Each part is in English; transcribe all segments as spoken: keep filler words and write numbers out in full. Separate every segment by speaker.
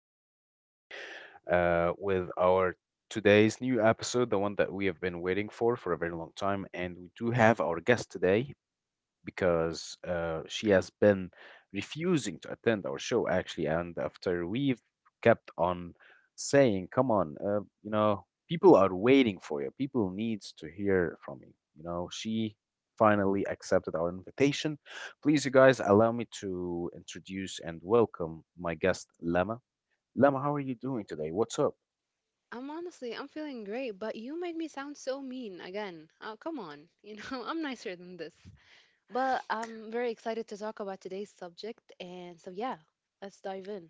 Speaker 1: uh, everybody uh, with our today's new episode, the one that we have been waiting for for a very long time, and we do have our guest today, because uh, she has been refusing to attend our show actually. And after we've kept on saying, "Come on, uh, you know, people are waiting for you. People needs to hear from you." You know, she finally accepted our invitation. Please, you guys, allow me to introduce and welcome my guest, Lama. Lama, how are you doing today? What's up?
Speaker 2: I'm honestly, I'm feeling great, but you made me sound so mean again. Oh, come on. You know, I'm nicer than this. But I'm very excited to talk about today's subject. And so, yeah, let's dive in.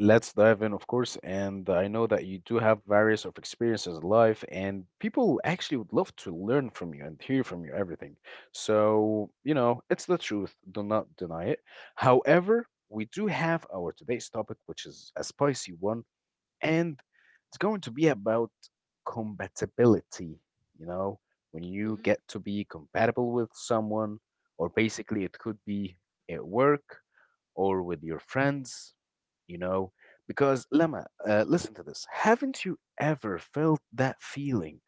Speaker 1: Let's dive in, of course. And I know that you do have various of experiences in life, and people actually would love to learn from you and hear from you everything. So, you know, it's the truth. Do not deny it. However, we do have our today's topic, which is a spicy one, and it's going to be about compatibility. You know, when you
Speaker 2: Mhm.
Speaker 1: get to be compatible with someone, or basically it could be at work or with your friends, you know, because Lama, uh, listen to this. Haven't you ever felt that feeling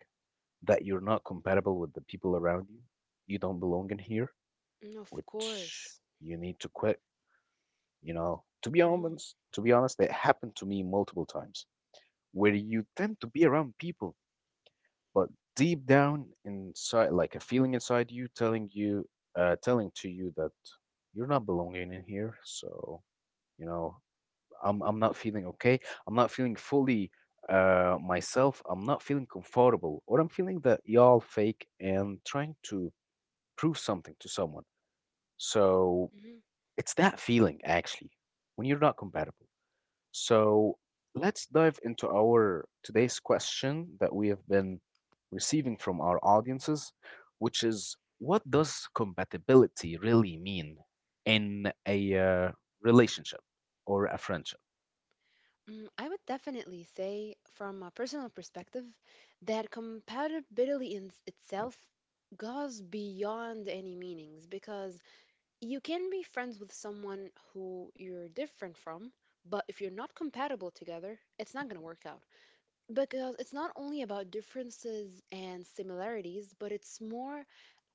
Speaker 1: that you're not compatible with the people around you? You don't belong in here,
Speaker 2: mm Of
Speaker 1: which
Speaker 2: course.
Speaker 1: you need to quit, you know. To be
Speaker 2: Mhm,
Speaker 1: honest, to be honest, it happened to me multiple times where you tend to be around people, but deep down inside, like a feeling inside you telling you, uh, telling to you that you're not belonging in here. So, you know, I'm, I'm not feeling okay. I'm not feeling fully uh, myself. I'm not feeling comfortable, or I'm feeling that y'all fake and trying to prove something to someone. So
Speaker 2: mhm.
Speaker 1: it's that feeling actually when you're not compatible. So let's dive into our today's question that we have been receiving from our audiences, which is what does compatibility really mean in a uh, relationship or a friendship?
Speaker 2: Mm, I would definitely say, from a personal perspective, that compatibility in s- itself goes beyond any meanings, because you can be friends with someone who you're different from, but if you're not compatible together, it's not going to work out, because it's not only about differences and similarities, but it's more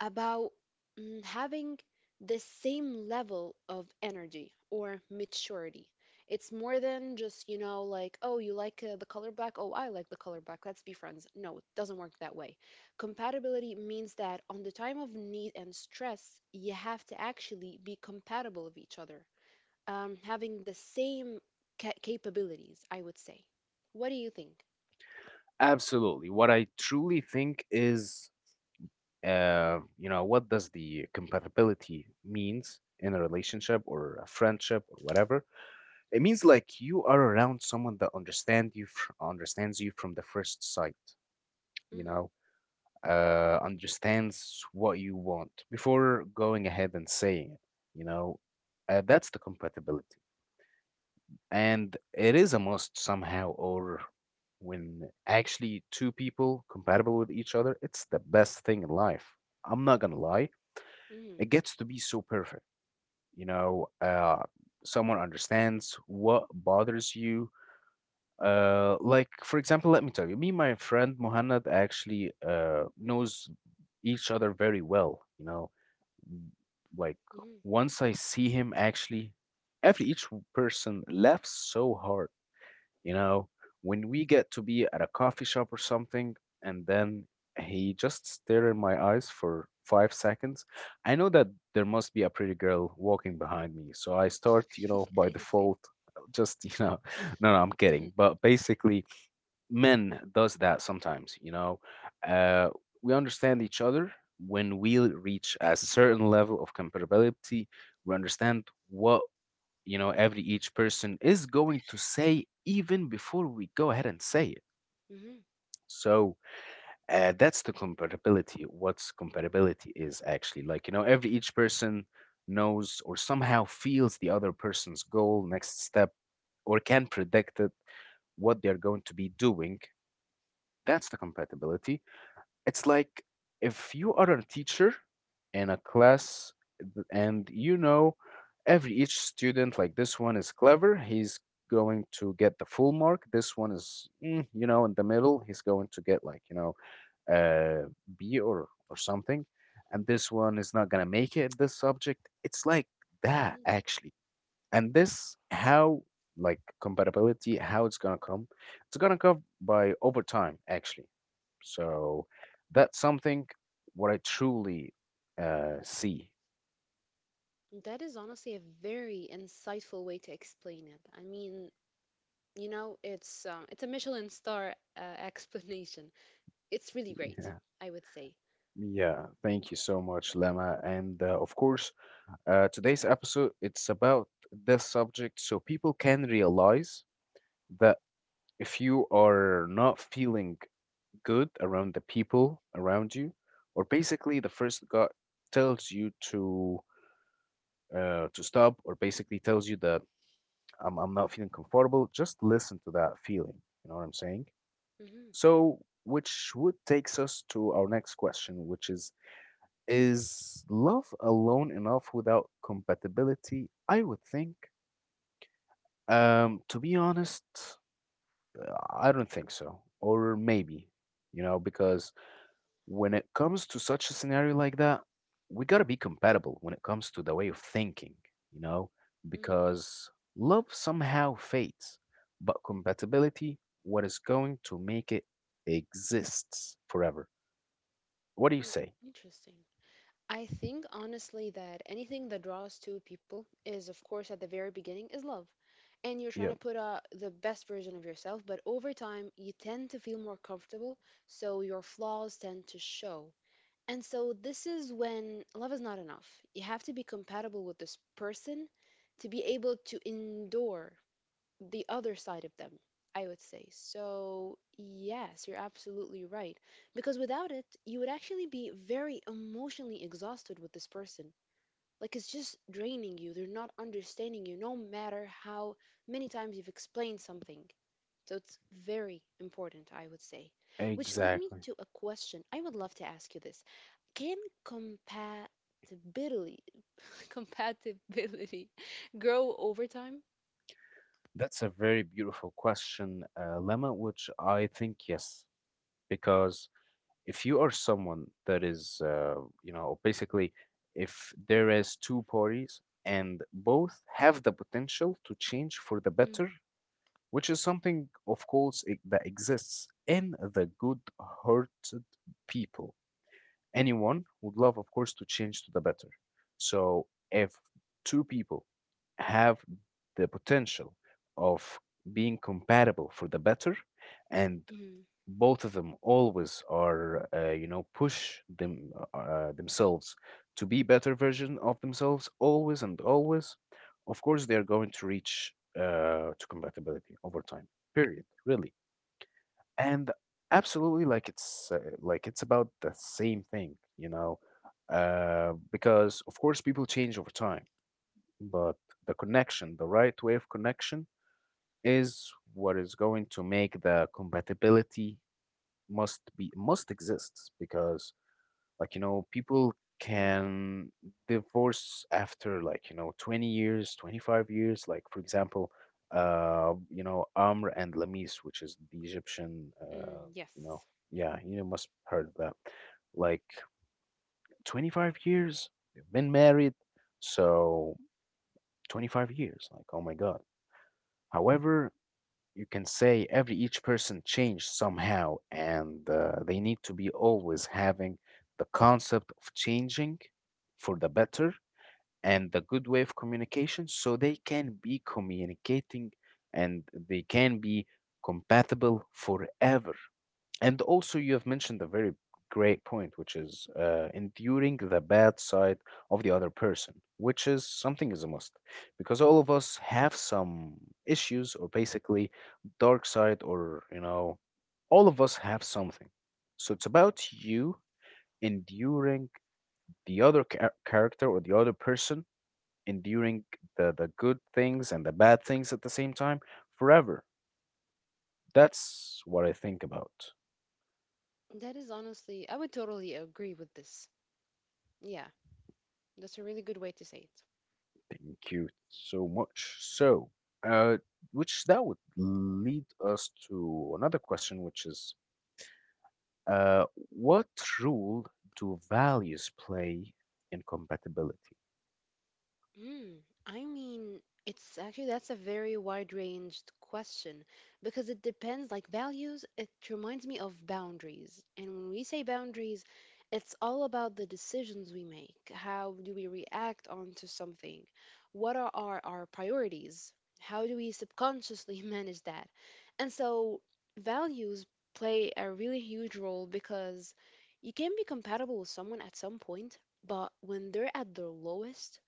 Speaker 2: about mm, having the same level of energy or maturity. It's more than just, you know, like, oh, you like uh, the color black? Oh, I like the color black. Let's be friends. No, it doesn't work that way. Compatibility means that on the time of need and stress, you have to actually be compatible with each other, um, having the same ca- capabilities, I would say. What do you think?
Speaker 1: Absolutely. What I truly think is, uh, you know, what does the compatibility means in a relationship or a friendship or whatever? It means like you are around someone that understand you fr- understands you from the first sight. You
Speaker 2: Mm-hmm.
Speaker 1: know, uh, understands what you want before going ahead and saying it. You know, uh, that's the compatibility. And it is a must somehow, or when actually two people compatible with each other, it's the best thing in life. I'm not gonna lie,
Speaker 2: Mm,
Speaker 1: it gets to be so perfect. You know, uh someone understands what bothers you. uh like for example, let me tell you, me and my friend Muhannad actually uh knows each other very well, you know, like
Speaker 2: hmm
Speaker 1: once I see him actually, every each person laughs so hard, you know, when we get to be at a coffee shop or something, and then he just stare in my eyes for five seconds, I know that there must be a pretty girl walking behind me. So I start, you know, by
Speaker 2: I see.
Speaker 1: default, uh, just, you know, no, no, I'm
Speaker 2: hmm
Speaker 1: kidding. But basically, men does that sometimes, you know. Uh, we understand each other when we reach a certain level of compatibility. We understand what, you know, every each person is going to say even before we go ahead and say it.
Speaker 2: hmm
Speaker 1: So uh, that's the comparability. What's comparability is actually like, you know, every each person knows or somehow feels the other person's goal next step, or can predict it, what they're going to be doing. That's the compatibility. It's like if you are a teacher in a class, th- and you know every each student, like this one is clever, he's going to get the full mark. This one is, mm, you know, in the middle, he's going to get like, you know, uh, B or, or something. And this one is not going to make it in this subject. It's like that,
Speaker 2: hmm
Speaker 1: actually. And this how like compatibility, how it's gonna come? It's gonna come by over time, actually. So that's something what I truly uh, see.
Speaker 2: That is honestly a very insightful way to explain it. I mean, you know, it's um, it's a Michelin star uh, explanation. It's really great,
Speaker 1: Yeah.
Speaker 2: I would say.
Speaker 1: Yeah, thank you so much, Lama. And uh, of course, uh, today's episode it's about this subject so people can realize that if you are not feeling good around the people around you, or basically the first God tells you to uh, to stop, or basically tells you that I'm, I'm not feeling comfortable, just listen to that feeling. You know what I'm saying?
Speaker 2: hmm
Speaker 1: So, which would takes us to our next question, which is Is love alone enough without compatibility? I would think, um, to be honest, uh, I don't think so. Or maybe, you know, because when it comes to such a scenario like that, we got to be compatible when it comes to the way of thinking, you know,
Speaker 2: hmm
Speaker 1: because love somehow fades, but compatibility, what is going to make it exists forever. What do you
Speaker 2: mm
Speaker 1: say?
Speaker 2: Interesting. I think honestly that anything that draws two people is, of course, at the very beginning, is love. And you're trying to
Speaker 1: Yeah,
Speaker 2: put out the best version of yourself, but over time, you tend to feel more comfortable, so your flaws tend to show. And so this is when love is not enough. You have to be compatible with this person to be able to endure the other side of them, I would say. So, yes, you're absolutely right. Because without it, you would actually be very emotionally exhausted with this person. Like it's just draining you. They're not understanding you, no matter how many times you've explained something. So it's very important, I would say. Which lead me
Speaker 1: exactly.
Speaker 2: to a question. I would love to ask you this. Can compatibility compatibility grow over time?
Speaker 1: That's a very beautiful question, uh, Lemma, which I think yes, because if you are someone that is, uh, you know, basically, if there is two parties and both have the potential to change for the
Speaker 2: Mm,
Speaker 1: better, which is something, of course, it, that exists in the good-hearted people. Anyone would love, of course, to change to the better. So if two people have the potential of being compatible for the better, and
Speaker 2: mm,
Speaker 1: both of them always are uh, you know, push them uh, uh, themselves to be better version of themselves always and always, of course they are going to reach uh, to compatibility over time period, really. And absolutely, like it's uh, like it's about the same thing, you know. uh, because of course people change over time, but the connection, the right way of connection is what is going to make the compatibility must be must exists, because like you know, people
Speaker 2: mm,
Speaker 1: can divorce after, like you know, twenty years, twenty-five years, like for example, uh you know, Amr and Lamis, which is the Egyptian, uh
Speaker 2: mm,
Speaker 1: you know.
Speaker 2: yes.
Speaker 1: Yeah, you know, must heard that, like twenty-five years they've been married. So twenty-five years, like oh my god. Mm. However, you can say every each person changed somehow, and uh, they need to be always having the concept of changing for the better, and the good way of communication so they can be communicating, and they can be compatible forever. And also, you have mentioned a very great point, which is uh, enduring the bad side of the other person, which is something is a must, because all of us have some issues, or basically dark side, or you know, all of us have something. So it's about you enduring the other char- character, or the other person, enduring the, the good things and the bad things at the same time forever. That's what I think about.
Speaker 2: That is honestly, I would totally agree with this. Yeah, that's a really good way to say it.
Speaker 1: Thank you so much. So, uh, which that would lead us to another question, which is, uh, what role do values play in compatibility?
Speaker 2: Mm, I mean, it's actually that's a very wide-ranged question, because it depends like values, it reminds me of boundaries. And when we say boundaries, it's all about the decisions we make. How do we react onto something? What are our, our priorities? How do we subconsciously manage that? And so values play a really huge role because you can be compatible with someone at some point, but when they're at their lowest,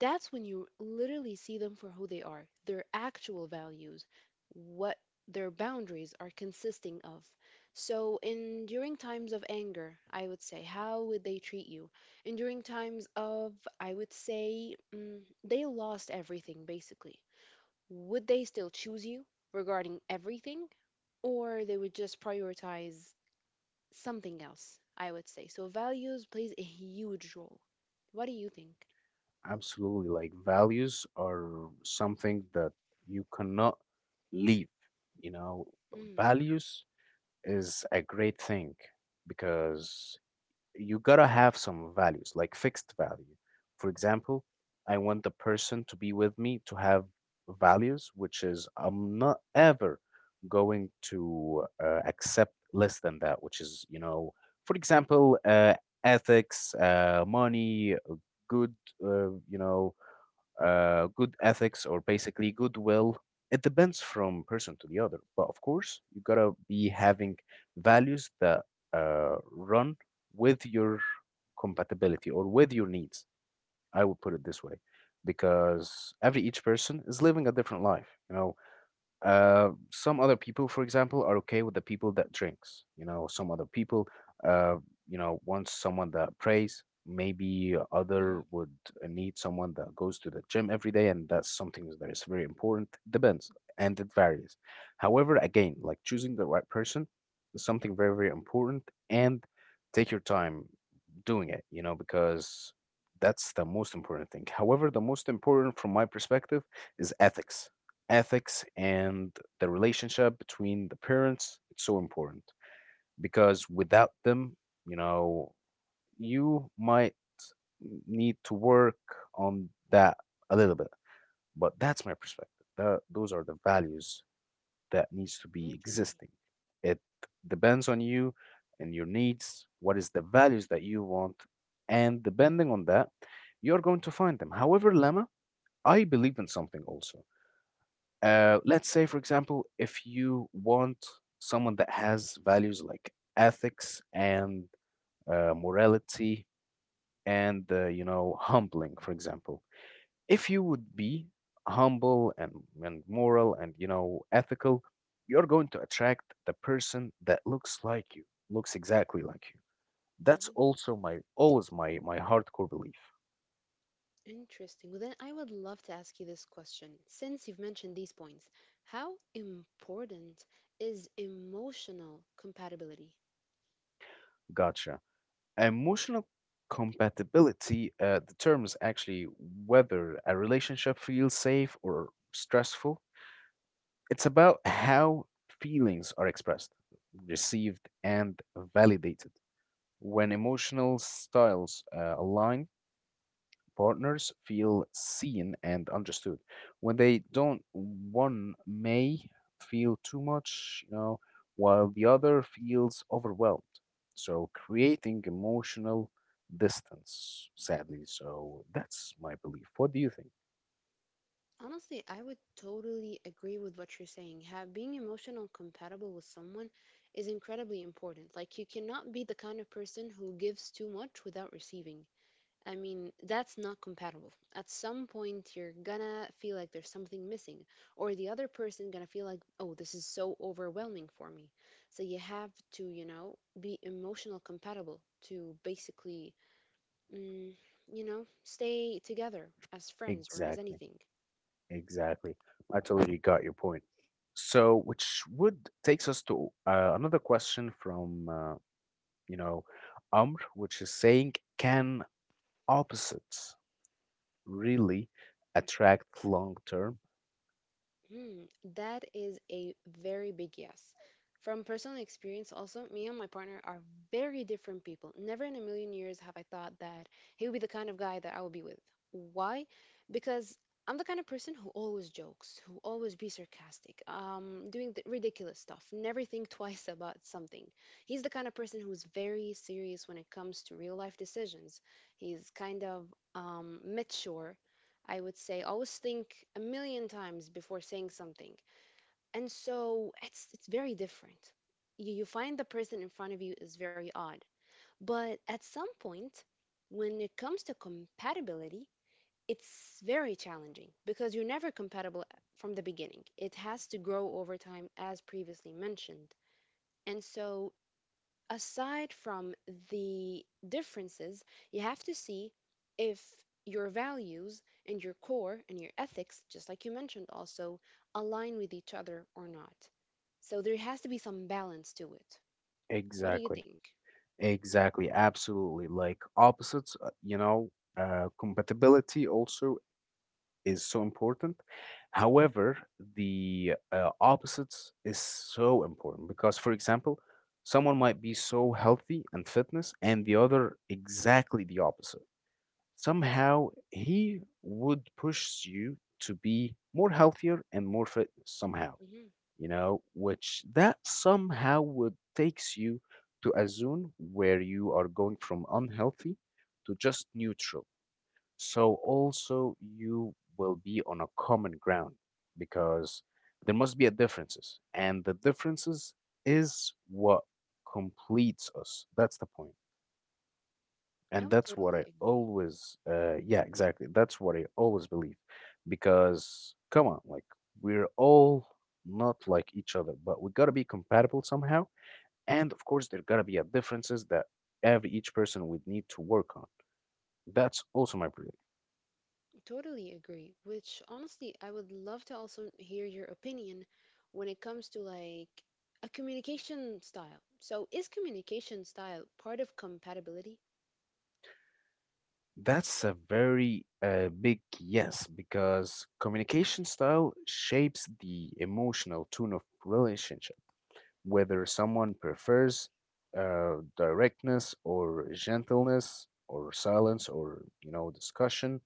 Speaker 2: that's when you literally see them for who they are, their actual values, what their boundaries are consisting of. So, in during times of anger, I would say, how would they treat you? And during times of, I would say, mm, they lost everything basically. Would they still choose you regarding everything, or they would just prioritize something else? I would say. So, values plays a huge role. What do you think?
Speaker 1: Absolutely, like values are something that you cannot leave. You know,
Speaker 2: Mm,
Speaker 1: values is a great thing, because you gotta have some values, like fixed value. For example, I want the person to be with me to have values, which is I'm not ever going to uh, accept less than that, which is, you know, for example, uh, ethics, uh, money, uh, good, uh, you know, uh, good ethics, or basically goodwill. It depends from person to the other, but of course, you gotta be having values that uh, run with your compatibility or with your needs. I would put it this way, because every each person is living a different life. You know, uh, some other people, for example, are okay with the people that drinks. You know, some other people, uh, you know, wants someone that prays. Maybe
Speaker 2: hmm
Speaker 1: other would need someone that goes to the gym every day, and that's something that is very important. Depends, and it varies. However, again, like choosing the right person is something very, very important, and take your time doing it. You know, because that's the most important thing. However, the most important from my perspective is ethics. Ethics and the relationship between the parents, it's so important, because without them, you know, you might need to work on that a little bit. But that's my perspective, that those are the values that needs to be
Speaker 2: Interesting.
Speaker 1: existing. It depends on you and your needs, what is the values that you want, and depending on that, you're going to find them. However, Lama, I believe in something also.
Speaker 2: Mm,
Speaker 1: uh, let's say, for example, if you want someone that has values like ethics and uh, morality and, uh, you know, humbling, for example, if you would be humble and, and moral and, you know, ethical, you're going to attract the person that looks like you, looks exactly like you. That's
Speaker 2: mhm.
Speaker 1: also my always my my hardcore belief.
Speaker 2: Interesting. Well, then I would love to ask you this question. Since you've mentioned these points, how important is emotional compatibility?
Speaker 1: Gotcha. Emotional compatibility uh, determines actually whether a relationship feels safe or stressful. It's about how feelings are expressed, received, and validated. When emotional styles uh, align, Partners feel seen and understood. When they don't, one may feel too much, you know, while the
Speaker 2: Mhm.
Speaker 1: other feels overwhelmed. So creating emotional distance, sadly. So that's my belief. What do you think?
Speaker 2: Honestly, I would totally agree with what you're saying. Ha being emotional compatible with someone is incredibly important. Like, you cannot be the kind of person who gives too much without receiving. I mean, that's not compatible. At some point, you're gonna feel like there's something missing, or the other person gonna feel like, oh, this is so overwhelming for me. So you have to, you know, be emotional compatible to basically, mm, you know, stay together as friends or as
Speaker 1: Exactly.
Speaker 2: anything.
Speaker 1: Exactly. I totally got your point. So, which would takes us to uh, another question from uh, you know Amr, which is saying, can opposites really attract long term?
Speaker 2: Mm, that is a very big yes. From personal experience, also, me and my partner are very different people. Never in a million years have I thought that he would be the kind of guy that I would be with. Why? Because I'm the kind of person who always jokes, who always be sarcastic, um, doing the ridiculous stuff, never think twice about something. He's the kind of person who's very serious when it comes to real life decisions. He's kind of um, mature I would say. Always think a million times before saying something. And so it's it's very different. You, you find the person in front of you is very odd. But at some point, when it comes to compatibility, it's very challenging because you're never compatible from the beginning. It has to grow over time, as previously mentioned. And so aside from the differences, you have to see if your values and your core and your ethics, just like you mentioned, also align with each other or not. So there has to be some balance to it. What do you
Speaker 1: Exactly,
Speaker 2: think?
Speaker 1: exactly, absolutely. Like, opposites uh, you know uh, compatibility also is so important. However, the uh, opposites is so important because, for example, someone might be so healthy and fitness and the other exactly the opposite. Somehow he would push you to be more healthier and more fit somehow
Speaker 2: hmm
Speaker 1: you know, which that somehow would takes you to a zone where you are going from unhealthy to just neutral. So also you will be on a common ground because there must be a differences, and the differences is what completes us. That's the point.
Speaker 2: I
Speaker 1: And
Speaker 2: would
Speaker 1: that's what
Speaker 2: totally
Speaker 1: I
Speaker 2: agree.
Speaker 1: always, uh, yeah, exactly. That's what I always believe. Because, come on, like, we're all not like each other, but we gotta be compatible somehow. And, of course, there gotta be a differences that every each person would need to work on. That's also my belief.
Speaker 2: Totally agree. Which honestly, I would love to also hear your opinion when it comes to like a communication style. So, is communication style part of compatibility?
Speaker 1: That's a very uh, big yes, because communication style shapes the emotional tone of relationship, whether someone prefers uh, directness or gentleness or silence or you know discussion,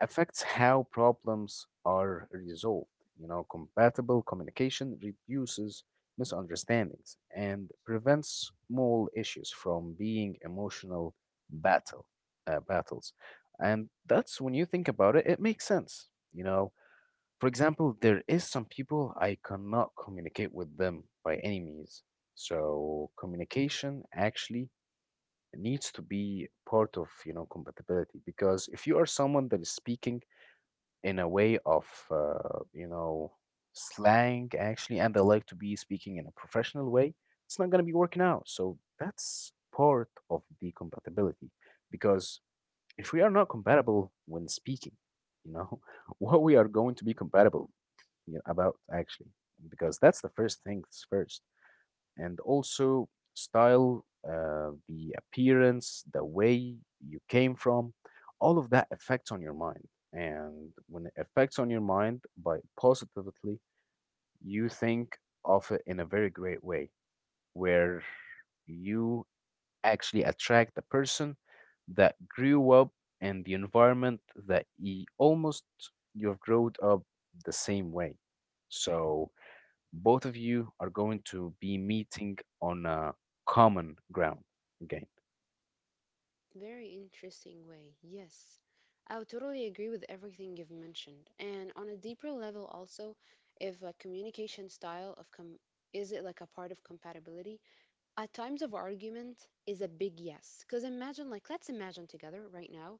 Speaker 1: affects how problems are resolved. You know compatible communication reduces misunderstandings and prevents small issues from being emotional battle uh, battles. And that's when you think about it, it makes sense you know For example, there is some people I cannot communicate with them by any means. So communication actually needs to be part of, you know, compatibility because if you are someone that is speaking in a way of, uh, you know, slang actually, and they like to be speaking in a professional way, it's not going to be working out. So that's part of the compatibility because if we are not compatible when speaking, you know, what we are going to be compatible you know, about actually, because that's the first things first. And also style, uh, the appearance, the way you came from, all of that affects on your mind. And when it affects on your mind by positively, you think of it in a very great way, where you actually attract the person that grew up in the environment that he almost you've grown up the same way. So both of you are going to be meeting on a common ground again.
Speaker 2: Very interesting way. Yes. I would totally agree with everything you've mentioned. And on a deeper level also, if like communication style of com is it like a part of compatibility? At times of argument is a big yes. Because imagine, like, let's imagine together right now,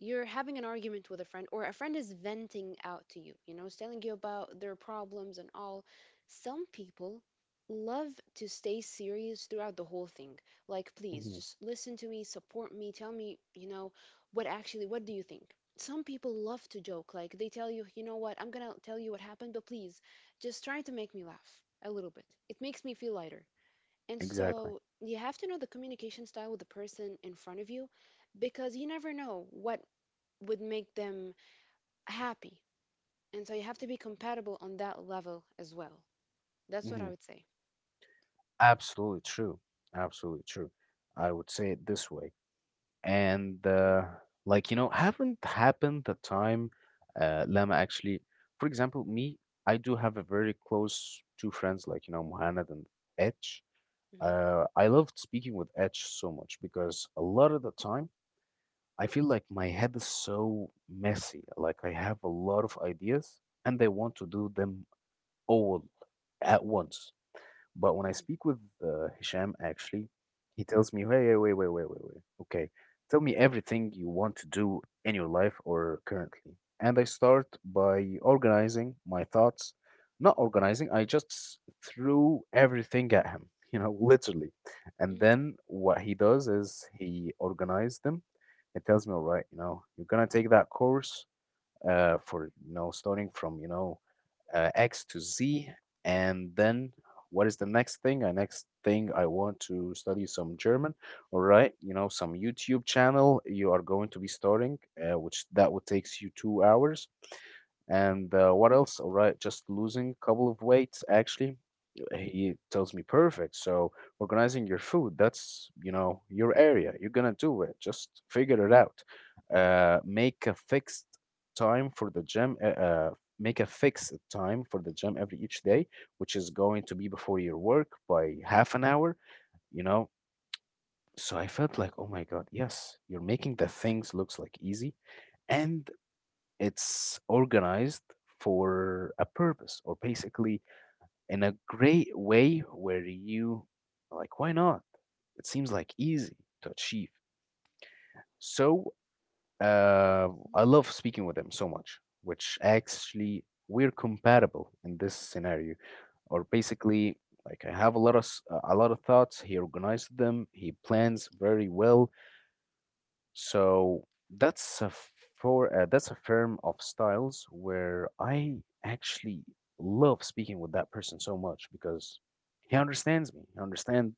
Speaker 2: you're having an argument with a friend, or a friend is venting out to you, you know, is telling you about their problems and all. Some people love to stay serious throughout the whole thing. Like, please,
Speaker 1: Hmm.
Speaker 2: just listen to me, support me, tell me, you know, what actually, what do you think? Some people love to joke. Like, they tell you, you know what, I'm gonna tell you what happened, but please, just try to make me laugh a little bit. It makes me feel lighter. And
Speaker 1: Exactly.
Speaker 2: so you have to know the communication style of the person in front of you, because you never know what would make them happy. And so you have to be compatible on that level as well. That's what I
Speaker 1: Hmm.
Speaker 2: would say.
Speaker 1: Absolutely true. Absolutely true. I would say it this way. And
Speaker 2: Mhm,
Speaker 1: uh, like you know, haven't happened the time uh, Lama actually. For example, me, I do have a very close two friends, like you know, Muhammad and Etch.
Speaker 2: mhm,
Speaker 1: Uh, I loved speaking with Etch so much because a lot of the time I feel like my head is so messy. Like, I have a lot of ideas and I want to do them all at once. But when I
Speaker 2: mhm,
Speaker 1: speak with uh, Hisham, actually, he tells me, hey, wait, wait, wait, wait, wait. Okay, tell me everything you want to do in your life or currently. And I start by organizing my thoughts. Not organizing, I just threw everything at him, you know, literally. And
Speaker 2: mhm,
Speaker 1: then what he does is he organizes them. He tells me, all right, you know, you're gonna take that course uh, for, you know, starting from, you know, uh, X to Z. And then what is the next thing? The next thing, I want to study some German. All right, you know, some YouTube channel you are going to be starting, uh, which that would takes you two hours. And uh, what else? All right, just losing a couple of weights, actually. eh, He tells me, perfect. So organizing your food, that's, you know, your area. You're gonna do it. Just figure it out. Uh, make a fixed time for the gym. Uh, uh, make a fixed time for the gym every each day, which is going to be before your work by half an hour, you know. So I felt like,
Speaker 2: mhm.
Speaker 1: oh my God, yes, you're making the things looks like easy. And it's organized for a purpose or basically in a great way where you, like, why not? It seems like easy to achieve. So uh, I
Speaker 2: Interesting.
Speaker 1: love speaking with them so much, which actually we're compatible in this scenario. Or basically, like, I have a lot of s- a lot of thoughts. He organized them. He plans very well. So that's a f- for uh, that's a firm of styles where I actually love speaking with that person so much because he understands me. He understands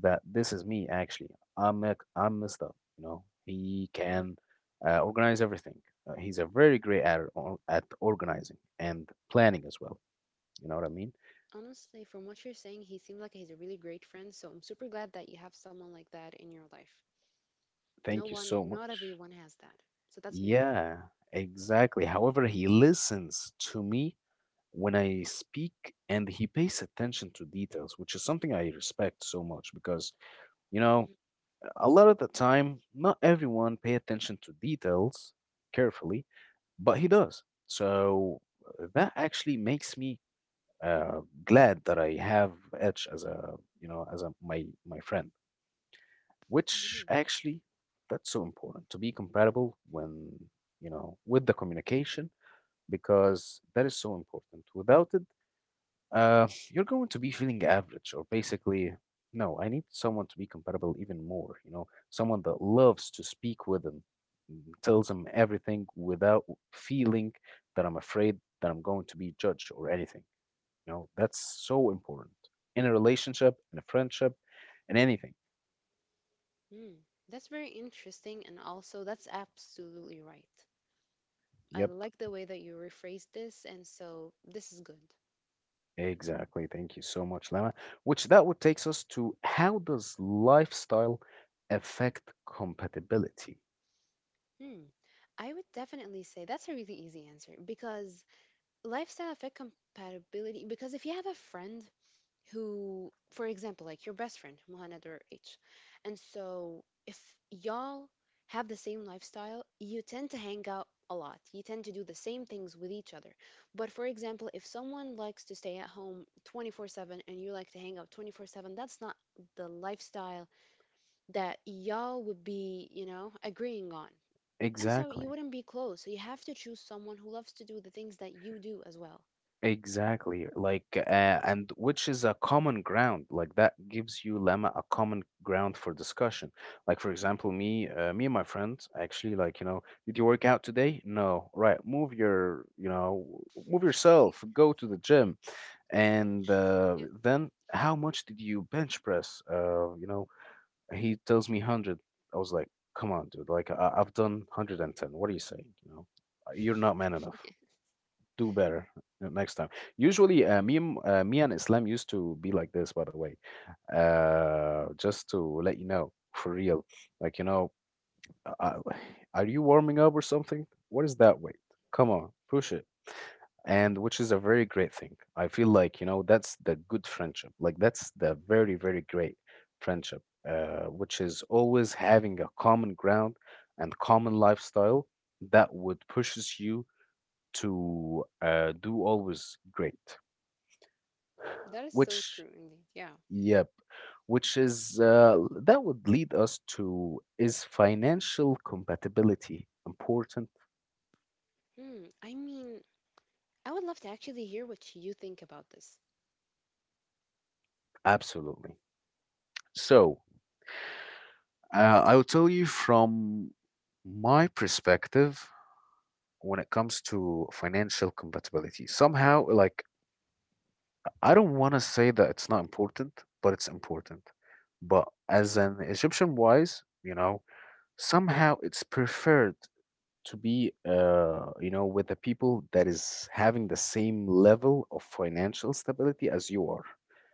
Speaker 1: that this is me actually. I'm i I'm messed up. You know, he
Speaker 2: Mhm.
Speaker 1: can uh, organize everything. Uh, he's a very great at or- at organizing and planning as well. You know what I mean?
Speaker 2: Honestly, from what you're saying, he seemed like he's a really great friend. So I'm super glad that you have someone like that in your life. No
Speaker 1: Thank you so
Speaker 2: one, not
Speaker 1: much.
Speaker 2: everyone has that. So that's beautiful.
Speaker 1: Yeah, exactly. However, he listens to me when I speak and he pays attention to details, which is something I respect so much because, you
Speaker 2: Mhm,
Speaker 1: know, a lot of the time, not everyone pay attention to details carefully, but he does. So uh, that actually makes me uh, glad that I have Edge as a, you know, as a my my friend,
Speaker 2: mhm,
Speaker 1: which actually that's so important to be compatible when, you know, with the communication because that is so important. Without it, uh, you're going to be feeling average or basically, no, I need someone to be compatible even more, you know, someone that loves to speak with them, mm, tells them everything without feeling that I'm afraid that I'm going to be judged or anything. You know, that's so important in a relationship, in a friendship, in anything.
Speaker 2: mhm. That's very interesting. And also, that's absolutely right. I
Speaker 1: Yep,
Speaker 2: like the way that you rephrased this, and so this is good.
Speaker 1: exactly. Thank you so much, Lama. Which that would takes us to, how does lifestyle affect compatibility?
Speaker 2: Hmm. I would definitely say that's a really easy answer because lifestyle effect compatibility. Because if you have a friend who, for example, like your best friend, Muhammad or H, and so if y'all have the same lifestyle, you tend to hang out a lot. You tend to do the same things with each other. But for example, if someone likes to stay at home twenty-four seven and you like to hang out twenty-four seven, that's not the lifestyle that y'all would be, you know, agreeing on. And so you
Speaker 1: Exactly.
Speaker 2: wouldn't be close. So you have to choose someone who loves to do the things that you do as well.
Speaker 1: Exactly, like, uh, and which is a common ground. Like that gives you lemma a common ground for discussion. Like, for example, me, uh, me and my friends actually, like you know, did you work out today? No, right. Move your, you know, move yourself. Go to the gym, and uh,
Speaker 2: Yeah,
Speaker 1: then how much did you bench press? Uh, you know, he tells me hundred. I was like, come on, dude. Like, I- I've done hundred and ten. What are you saying? You know, you're not man enough, do better uh, next time. Usually, uh, me, and- uh, me and Islam used to be like this, by the way. Uh, just to let you know, for real. Like, you know, uh, are you warming up or something? What is that weight? Come on, push it. And which is a very great thing. I feel like, you know, that's the good friendship. Like, that's the very, very great friendship, uh, which is always having a common ground and common lifestyle that would pushes you to uh, do always great,
Speaker 2: that is so
Speaker 1: which,
Speaker 2: true indeed. Yeah.
Speaker 1: yep, which is uh, that would lead us to, is financial compatibility important?
Speaker 2: Hmm. I mean, I would love to actually hear what you think about this.
Speaker 1: Absolutely. So uh, I will tell you from my perspective when it comes to financial compatibility. Somehow, like, I don't want to say that it's not important, but it's important. But as an Egyptian wise, you know, somehow it's preferred to be uh, you know with the people that is having the same level of financial stability as you are,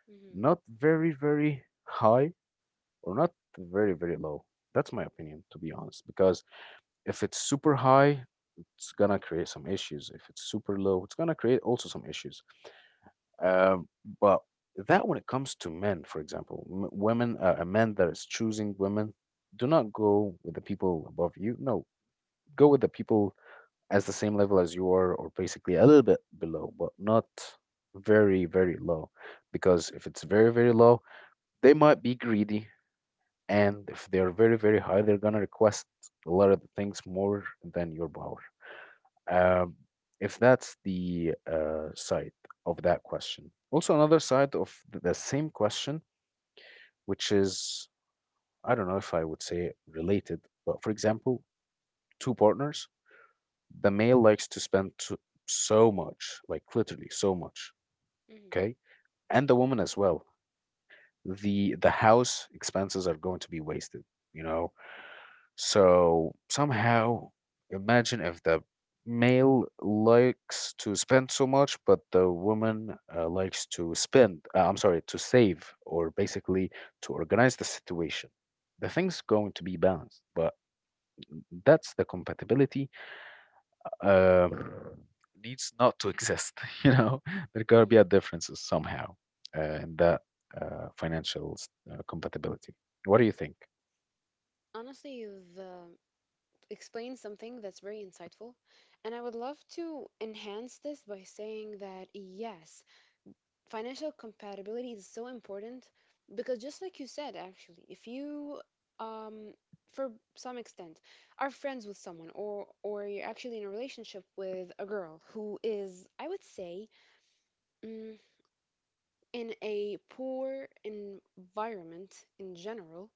Speaker 2: hmm
Speaker 1: not very very high or not very very low. That's my opinion, to be honest, because if it's super high, it's gonna create some issues. If it's super low, it's gonna create also some issues. um, but that, when it comes to men, for example, m- women uh, a man that is choosing women, do not go with the people above you. No, go with the people as the same level as you are, or basically a little bit below, but not very, very low. Because if it's very, very low, they might be greedy. And if they're very, very high, they're going to request a lot of things more than your power. Um, if that's the uh, side of that question. Also, another side of the same question, which is, I don't know if I would say related, but for example, two partners, the male likes to spend to, so much, like, literally so much,
Speaker 2: hmm
Speaker 1: okay? And the woman as well. The the house expenses are going to be wasted, you know? So somehow, imagine if the male likes to spend so much, but the woman uh, likes to spend, uh, I'm sorry, to save or basically to organize the situation. The thing's going to be balanced, but mm, that's the compatibility uh, needs not to exist. You know, there gotta
Speaker 2: hmm
Speaker 1: be a differences somehow uh, in that uh, financial s- uh, compatibility. What do you think?
Speaker 2: Honestly, you've uh, explained something that's very insightful, and I would love to enhance this by saying that yes, financial compatibility is so important, because just like you said, actually, if you um for some extent are friends with someone, or or you're actually in a relationship with a girl who is, I would say, mm, in a poor environment in general,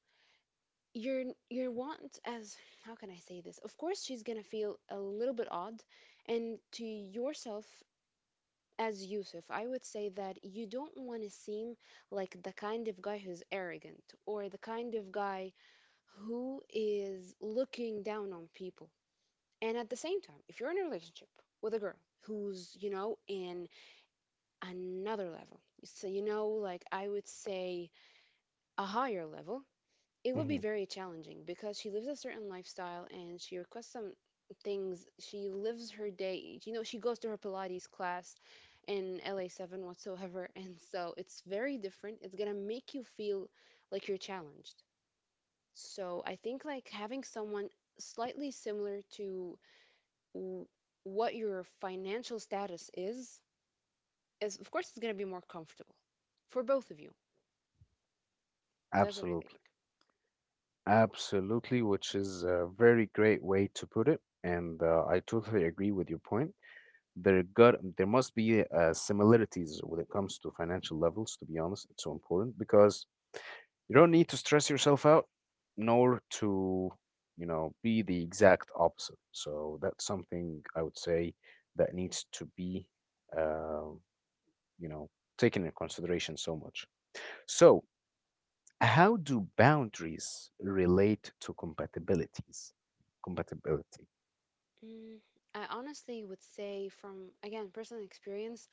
Speaker 2: you're you want as how can I say this, of course she's gonna feel a little bit odd and to yourself. As Yusuf, I would say that you don't want to seem like the kind of guy who's arrogant or the kind of guy who is looking down on people. And at the same time, if you're in a relationship with a girl who's, you know, in another level, so, you know, like I would say a higher level, it would be
Speaker 1: Hmm.
Speaker 2: very challenging because she lives a certain lifestyle and she requests some things. She lives her day, you know, she goes to her Pilates class in L A seven whatsoever. And so it's very different. It's going to make you feel like you're challenged. So I think like having someone slightly similar to w- what your financial status is, is of course it's going to be more comfortable for both of you. That's what I think.
Speaker 1: Absolutely. Absolutely, which is a very great way to put it. And uh, I totally agree with your point. there got there must be uh, similarities when it comes to financial levels, to be honest. It's so important because you don't need to stress yourself out, nor to you know be the exact opposite. So that's something I would say that needs to be uh, you know taken in consideration so much. So how do boundaries relate to compatibilities? Compatibility.
Speaker 2: Mm, I honestly would say, from again personal experience,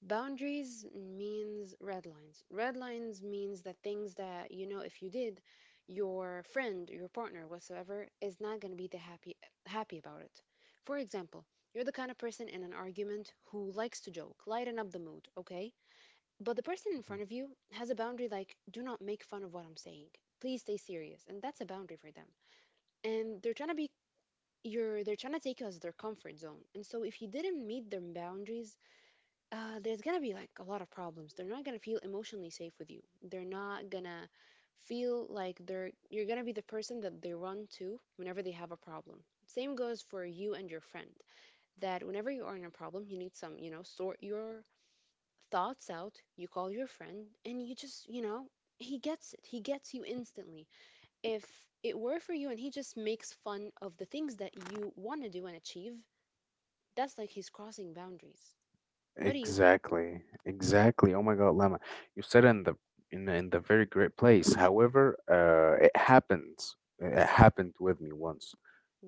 Speaker 2: boundaries means red lines. Red lines means that things that you know if you did, your friend, your partner, whatsoever, is not going to be the happy happy about it. For example, you're the kind of person in an argument who likes to joke, lighten up the mood, okay? But the person in
Speaker 1: Mhm.
Speaker 2: front of you has a boundary like, do not make fun of what I'm saying. Please stay serious, and that's a boundary for them. And they're trying to be you're they're trying to take you as their comfort zone, and so if you didn't meet their boundaries, uh, there's gonna be like a lot of problems. They're not gonna feel emotionally safe with you. They're not gonna feel like they're you're gonna be the person that they run to whenever they have a problem. Same goes for you and your friend, that whenever you are in a problem, you need some, you know, sort your thoughts out, you call your friend and you just, you know, he gets it, he gets you instantly. If it were for you and he just makes fun of the things that you want to do and achieve, that's like he's crossing boundaries. What do you think?
Speaker 1: Exactly, exactly. Oh my God, Lama, you said in the in the- in the very great place. However, uh, it happens. It happened with me once.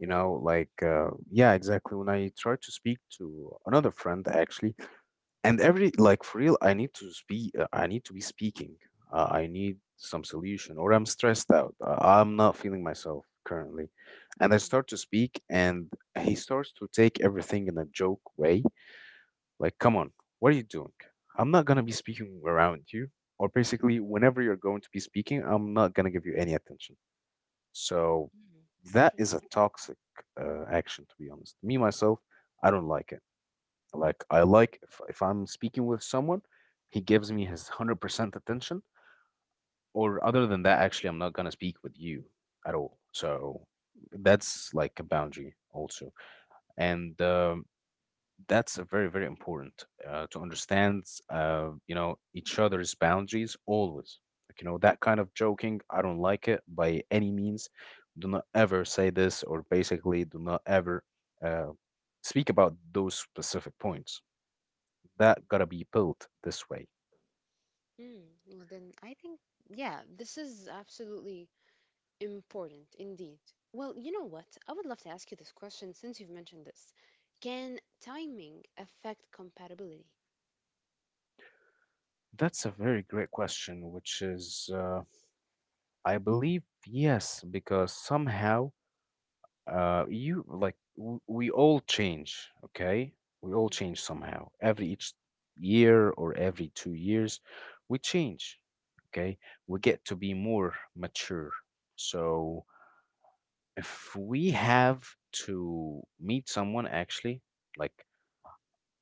Speaker 1: You know, like uh, yeah, exactly. When I tried to speak to another friend, actually, and every, like, for real, I need to speak. uh, I need to be speaking. Uh, I need some solution, or I'm stressed out. Uh, I'm not feeling myself currently, and I
Speaker 2: Mm,
Speaker 1: start to speak, and he starts to take everything in a joke way, like, come on, what are you doing? I'm not gonna be speaking around you, or basically, whenever you're going to be speaking, I'm not gonna give you any attention. So
Speaker 2: mm,
Speaker 1: that is a
Speaker 2: interesting.
Speaker 1: toxic uh, action, to be honest. Me myself, I don't like it. Like, I like if, if I'm speaking with someone, he gives me his one hundred percent attention, or other than that, actually, I'm not gonna speak with you at all. So that's like a boundary also. And um, that's a very very important uh, to understand uh, you know each other's boundaries always. Like, you know, that kind of joking, I don't like it by any means. Do not ever say this, or basically do not ever uh, speak about those specific points that gotta be built this way.
Speaker 2: Mm, well, then I think, yeah, this is absolutely important indeed. Well, you know what? I would love to ask you this question since you've mentioned this. Can timing affect compatibility?
Speaker 1: That's a very great question, which is, uh, I believe, yes, because somehow uh, you, like, w we all change, okay? We all
Speaker 2: Mm,
Speaker 1: change somehow. Every each year or every two years, we change, okay? We get to be more mature. So if we have to meet someone actually, like,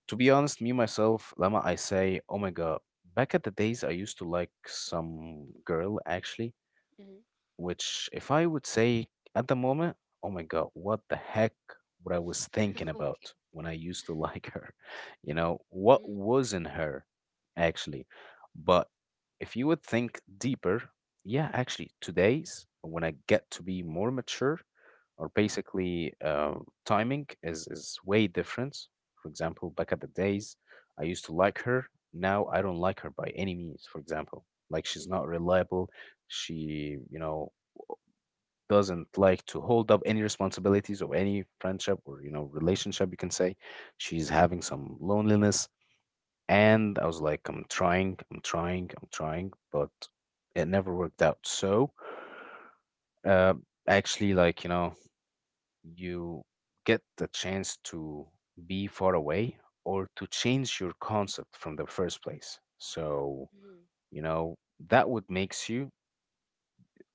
Speaker 1: to be honest, me myself, Lama, I say, oh my God, back at the days I used to like some girl actually,
Speaker 2: mm,
Speaker 1: which, if I would say at the moment, oh my God, what the heck what I was thinking
Speaker 2: okay.
Speaker 1: about when I used to like her, you know, what
Speaker 2: Mm,
Speaker 1: was in her actually. But if you would think deeper, yeah, actually, today's when I get to be more mature, or basically uh, timing is, is way different. For example, back at the days, I used to like her. Now I don't like her by any means, for example. Like, she's
Speaker 2: Hmm.
Speaker 1: not reliable. She, you know, doesn't like to hold up any responsibilities of any friendship or, you know, relationship, you can say. She's having some loneliness. And I was like, I'm trying, I'm trying, I'm trying, but it never worked out. So, uh, actually, like, you know, you get the chance to be far away or to change your concept from the first place. So, you know, that would makes you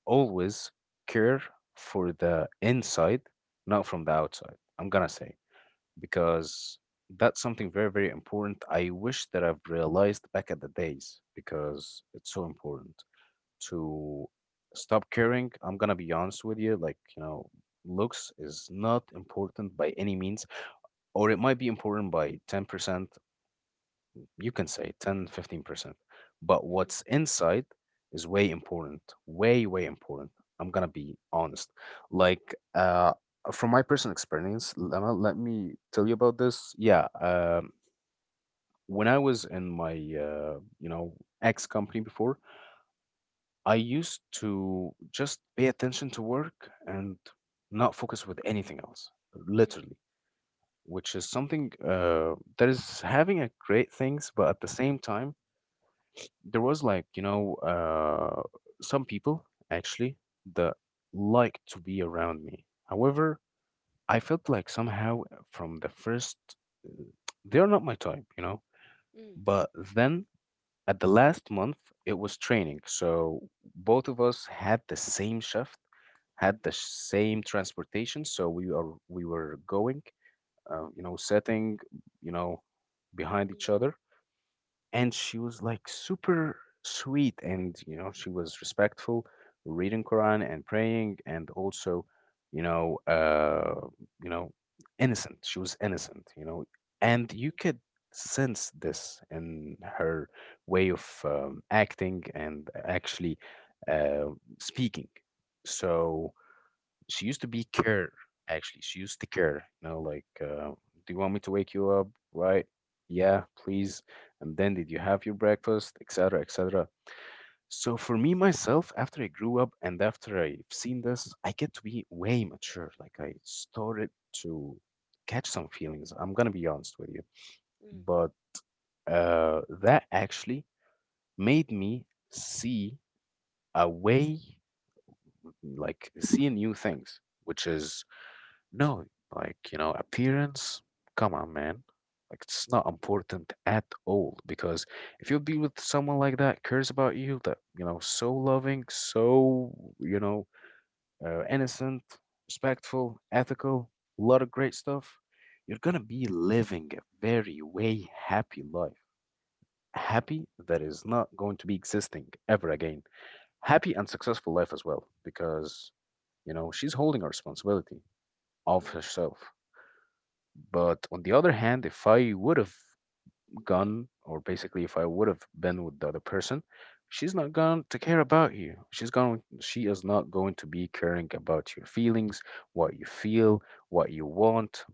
Speaker 1: always care for the inside, not from the outside. I'm gonna say because that's something very very important. I wish that I've realized back at the days because it's so important to stop caring. I'm gonna be honest with you, like, you know, looks is not important by any means, or it might be important by ten percent, you can say ten, fifteen percent. But
Speaker 2: Hmm.
Speaker 1: what's inside is way important, way, way important. I'm gonna be honest. Like, uh, from my personal experience, Lama, let me tell you about this. Yeah, um, when I was in my, uh, you know, ex company before, I used to just pay attention to work and not focus with anything else,
Speaker 2: Hmm. Hmm.
Speaker 1: literally, which is something uh, that is having a great things, but at the same time, there was, like, you know uh, some people actually that like to be around me. However, I felt like somehow uh, from the first, uh, they are not my type, you know.
Speaker 2: Hmm.
Speaker 1: But then at the last month, it was training, so both of us had the same shift, had the same transportation, so we are we were going, uh, you know, sitting, you know, behind
Speaker 2: Hmm.
Speaker 1: each other. And she was like super sweet, and, you know, she was respectful, reading Quran and praying, and also, you know, uh, you know, innocent. She was innocent, you know, and you could sense this in her way of um, acting, and actually uh, speaking. So she used to be care actually, she used to care, you know, like, uh, do you want me to wake you up? Right. Yeah, please. And then, did you have your breakfast, etc, etc? So for me myself, after I grew up, and after I've seen this, I get to be way mature. Like, I started to catch some feelings, I'm gonna be honest with you.
Speaker 2: Hmm. Hmm.
Speaker 1: But uh, that actually made me see a way, like, see new things, which is, no, like, you know, appearance, come on, man. Like, it's not important at all, because if you'll be with someone like that, cares about you, that, you know, so loving, so, you know, uh, innocent, respectful, ethical, a lot of great stuff, you're gonna be living a very, way happy life. Happy that is not going to be existing ever again. Happy and successful life as well because, you know, she's holding a responsibility of
Speaker 2: mm,
Speaker 1: herself. But on the other hand, if I would have gone, or basically if I would have been with the other person, she's not going to care about you. She's going, she is not going to be caring about your feelings, what you feel, what you want.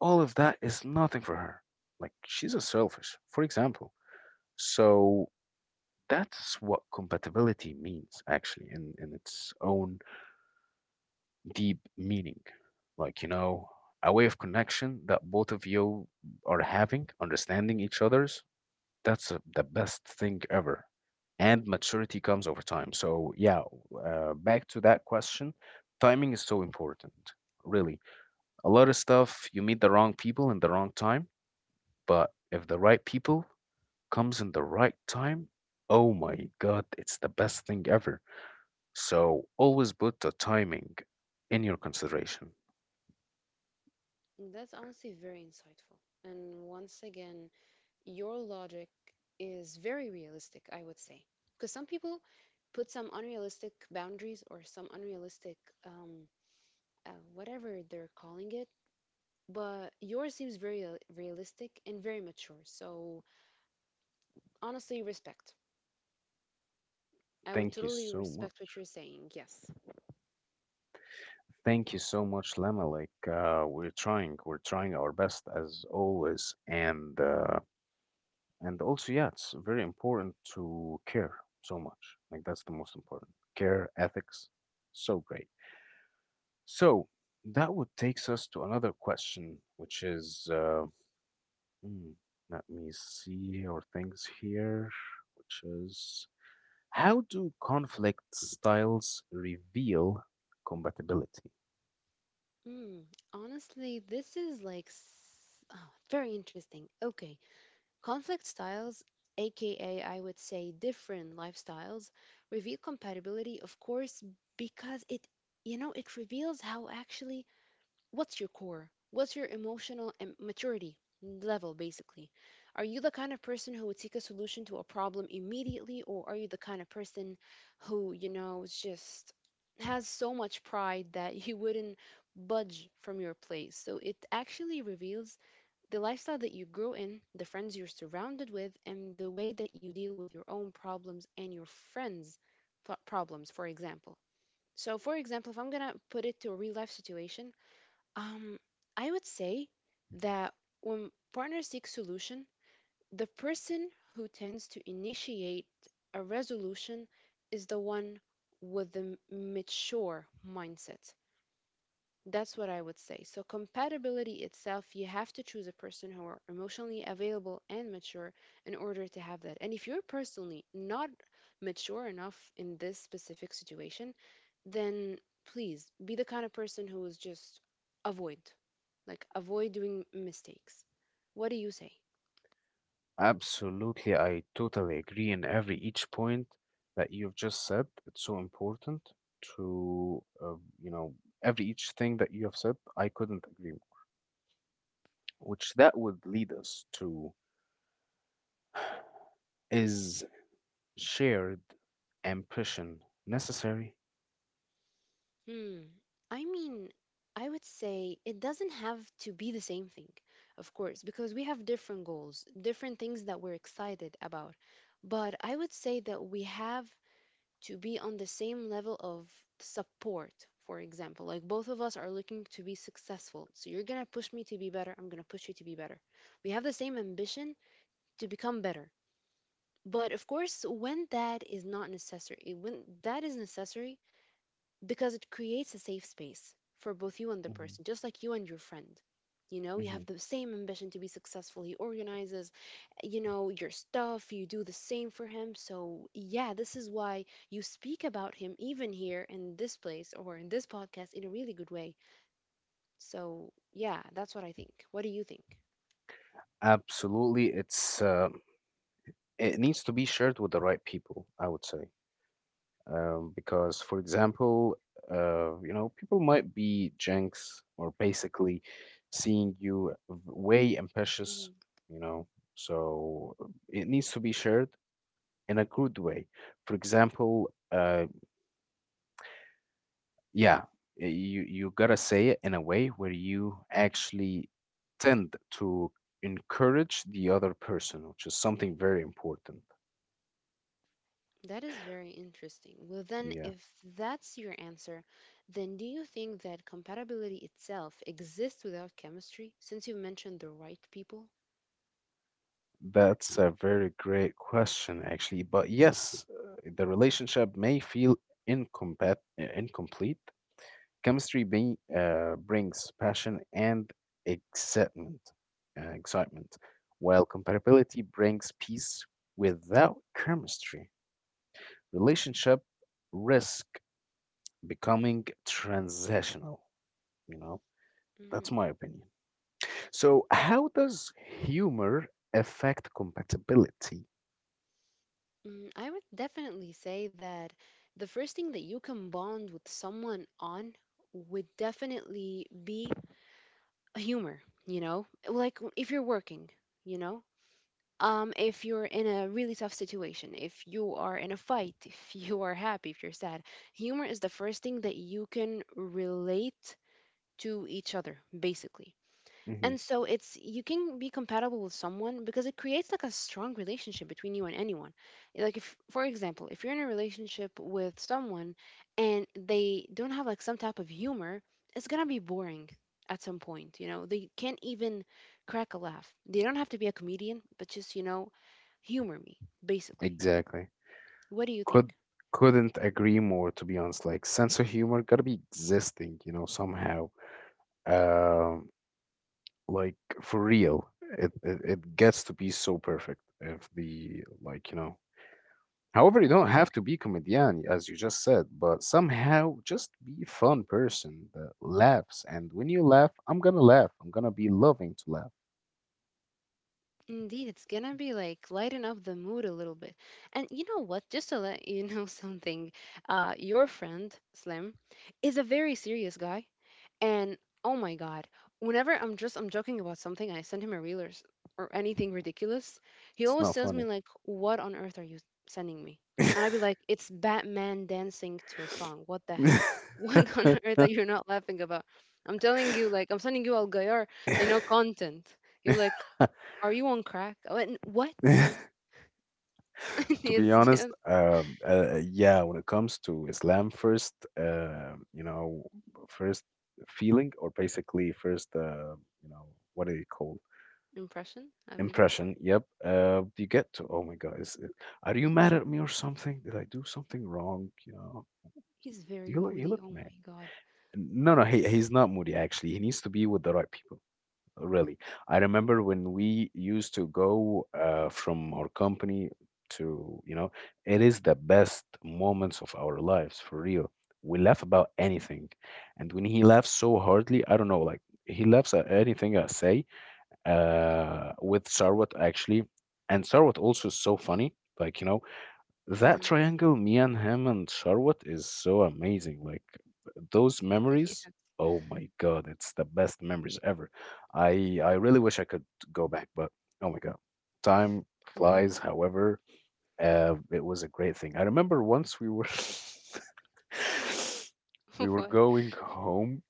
Speaker 1: All of that is nothing for her. Like she's a selfish, for example. So that's what compatibility means, actually, in in its own deep meaning. Like, you know, a way of connection that both of you are having, understanding each other's. That's uh, the best thing ever. And maturity comes over time. So, yeah, uh, back to that question. Timing is so important, really. A lot of stuff, you meet the wrong people in the wrong time, but if the right people comes in the right time, oh my God, it's the best thing ever. So always put the timing in your consideration.
Speaker 2: mm. That's honestly very insightful. And once again, your logic is very realistic, I would say. Because some people put some unrealistic boundaries or some unrealistic, um, uh, whatever they're calling it, but yours seems very uh, realistic and very mature. So, honestly, respect. I would
Speaker 1: Thank you
Speaker 2: totally
Speaker 1: so much.
Speaker 2: respect what you're saying, yes.
Speaker 1: Thank you so much, Lama. Like uh, we're trying, we're trying our best as always, and uh, and also, yeah, it's very important to care so much. Like that's the most important. Care ethics, so great. So that would takes us to another question, which is, uh, hmm, let me see our things here, which is, how do conflict styles reveal compatibility?
Speaker 2: Hmm, honestly, this is like s- oh, very interesting. Okay, conflict styles, aka I would say different lifestyles, reveal compatibility, of course, because it, you know, it reveals how actually what's your core, what's your emotional and maturity level, basically. Are you the kind of person who would seek a solution to a problem immediately, or are you the kind of person who, you know, is just has so much pride that you wouldn't budge from your place? So it actually reveals the lifestyle that you grow in, the friends you're surrounded with, and the way that you deal with your own problems and your friends' pro- problems, for example. So, for example, if I'm gonna put it to a real life situation, um, I would say that when partners seek solution, the person who tends to initiate a resolution is the one with the m- mature mindset. That's what I would say. So, compatibility itself, you have to choose a person who are emotionally available and mature in order to have that. And if you're personally not mature enough in this specific situation, then please be the kind of person who is just avoid, like avoid doing mistakes. What do you say?
Speaker 1: Absolutely, I totally agree in every each point that you've just said. It's so important to, uh, you know, every each thing that you have said, I couldn't agree more. Which that would lead us to is shared ambition necessary?
Speaker 2: Hmm. I mean, I would say it doesn't have to be the same thing, of course, because we have different goals, different things that we're excited about. But I would say that we have to be on the same level of support, for example. Like both of us are looking to be successful. So you're going to push me to be better. I'm going to push you to be better. We have the same ambition to become better. But of course, when that is not necessary, when that is necessary, because it creates a safe space for both you and the
Speaker 1: Mhm,
Speaker 2: person, just like you and your friend. You know, you
Speaker 1: mhm.
Speaker 2: have the same ambition to be successful. He organizes, you know, your stuff. You do the same for him. So, yeah, this is why you speak about him, even here in this place or in this podcast, in a really good way. So, yeah, that's what I think. What do you think?
Speaker 1: Absolutely, it's uh, it needs to be shared with the right people, I would say. um, because, for example, uh, you know, people might be jinx or basically seeing you v- way ambitious,
Speaker 2: Mm-hmm.
Speaker 1: you know, so it needs to be shared in a good way. For example, uh, yeah, y- you you gotta say it in a way where you actually tend to encourage the other person, which is something very important.
Speaker 2: That is very interesting. Well, then,
Speaker 1: Yeah.
Speaker 2: if that's your answer, then do you think that compatibility itself exists without chemistry, since you mentioned the right people?
Speaker 1: That's a very great question, actually. But yes, uh, the relationship may feel incompat uh, incomplete. Chemistry being, uh, brings passion and excitement, uh, excitement, while compatibility brings peace. Without chemistry, relationship risk becoming transactional. You know, that's
Speaker 2: Mm.
Speaker 1: my opinion. So, how does humor affect compatibility?
Speaker 2: Mm, I would definitely say that the first thing that you can bond with someone on would definitely be humor, you know? Like w- if you're working, you know? Um, if you're in a really tough situation, if you are in a fight, if you are happy, if you're sad, humor is the first thing that you can relate to each other, basically.
Speaker 1: Hmm.
Speaker 2: And so it's you can be compatible with someone because it creates like a strong relationship between you and anyone. Eh, like if for example, if you're in a relationship with someone and they don't have like some type of humor, it's going to be boring at some point, you know. They can't even crack a laugh. They don't have to be a comedian, but just, you know, humor me basically.
Speaker 1: Exactly.
Speaker 2: What do you
Speaker 1: could
Speaker 2: think?
Speaker 1: couldn't agree more, to be honest. Like, sense of humor gotta be existing, you know, somehow. Um like, for real, it, it it gets to be so perfect if the, like, you know, however, you don't have to be comedian, as you just said, but somehow just be a fun person that laughs. And when you laugh, I'm gonna laugh. I'm gonna be loving to laugh.
Speaker 2: Indeed, it's gonna be like lighten up the mood a little bit. And you know what? Just to let you know something, uh, your friend Slim is a very serious guy, and oh my God, whenever I'm just I'm joking about something, and I send him a reel or, s- or anything ridiculous, he
Speaker 1: It's
Speaker 2: always
Speaker 1: not
Speaker 2: tells me
Speaker 1: funny.
Speaker 2: like, "What on earth are you sending me?" And I'd be like, "It's Batman dancing to a song. What the, he- what on earth are you not laughing about?" I'm telling you, like, I'm sending you Al Gayar, you know, content. He was like, are you on crack? What? What?
Speaker 1: To be
Speaker 2: is this
Speaker 1: honest, um, uh, yeah, when it comes to Islam, first, uh, you know, first feeling, or basically first, uh, you know, what do you call
Speaker 2: impression? I believe
Speaker 1: impression? Yep, uh, you get to. Oh my God, is it, are you mad at me or something? Did I do something wrong? You know,
Speaker 2: he's very
Speaker 1: you look,
Speaker 2: moody.
Speaker 1: you look
Speaker 2: Oh my
Speaker 1: mad.
Speaker 2: god.
Speaker 1: No, no, he he's not moody. Actually, he needs to be with the right people, really. I remember when we used to go uh, from our company to, you know, it is the best moments of our lives for real. We laugh about anything. And when he laughs so hardly, I don't know, like he laughs at anything I say uh, with Sarwat actually. And Sarwat also is so funny. Like, you know, that
Speaker 2: Mm.
Speaker 1: triangle, me and him and Charlotte, is so amazing. Like those memories, oh my God, it's the best memories ever. I I really wish I could go back, but oh my God, time
Speaker 2: Mm-hmm.
Speaker 1: flies. However, uh, it was a great thing. I remember once we were we were
Speaker 2: What?
Speaker 1: going home.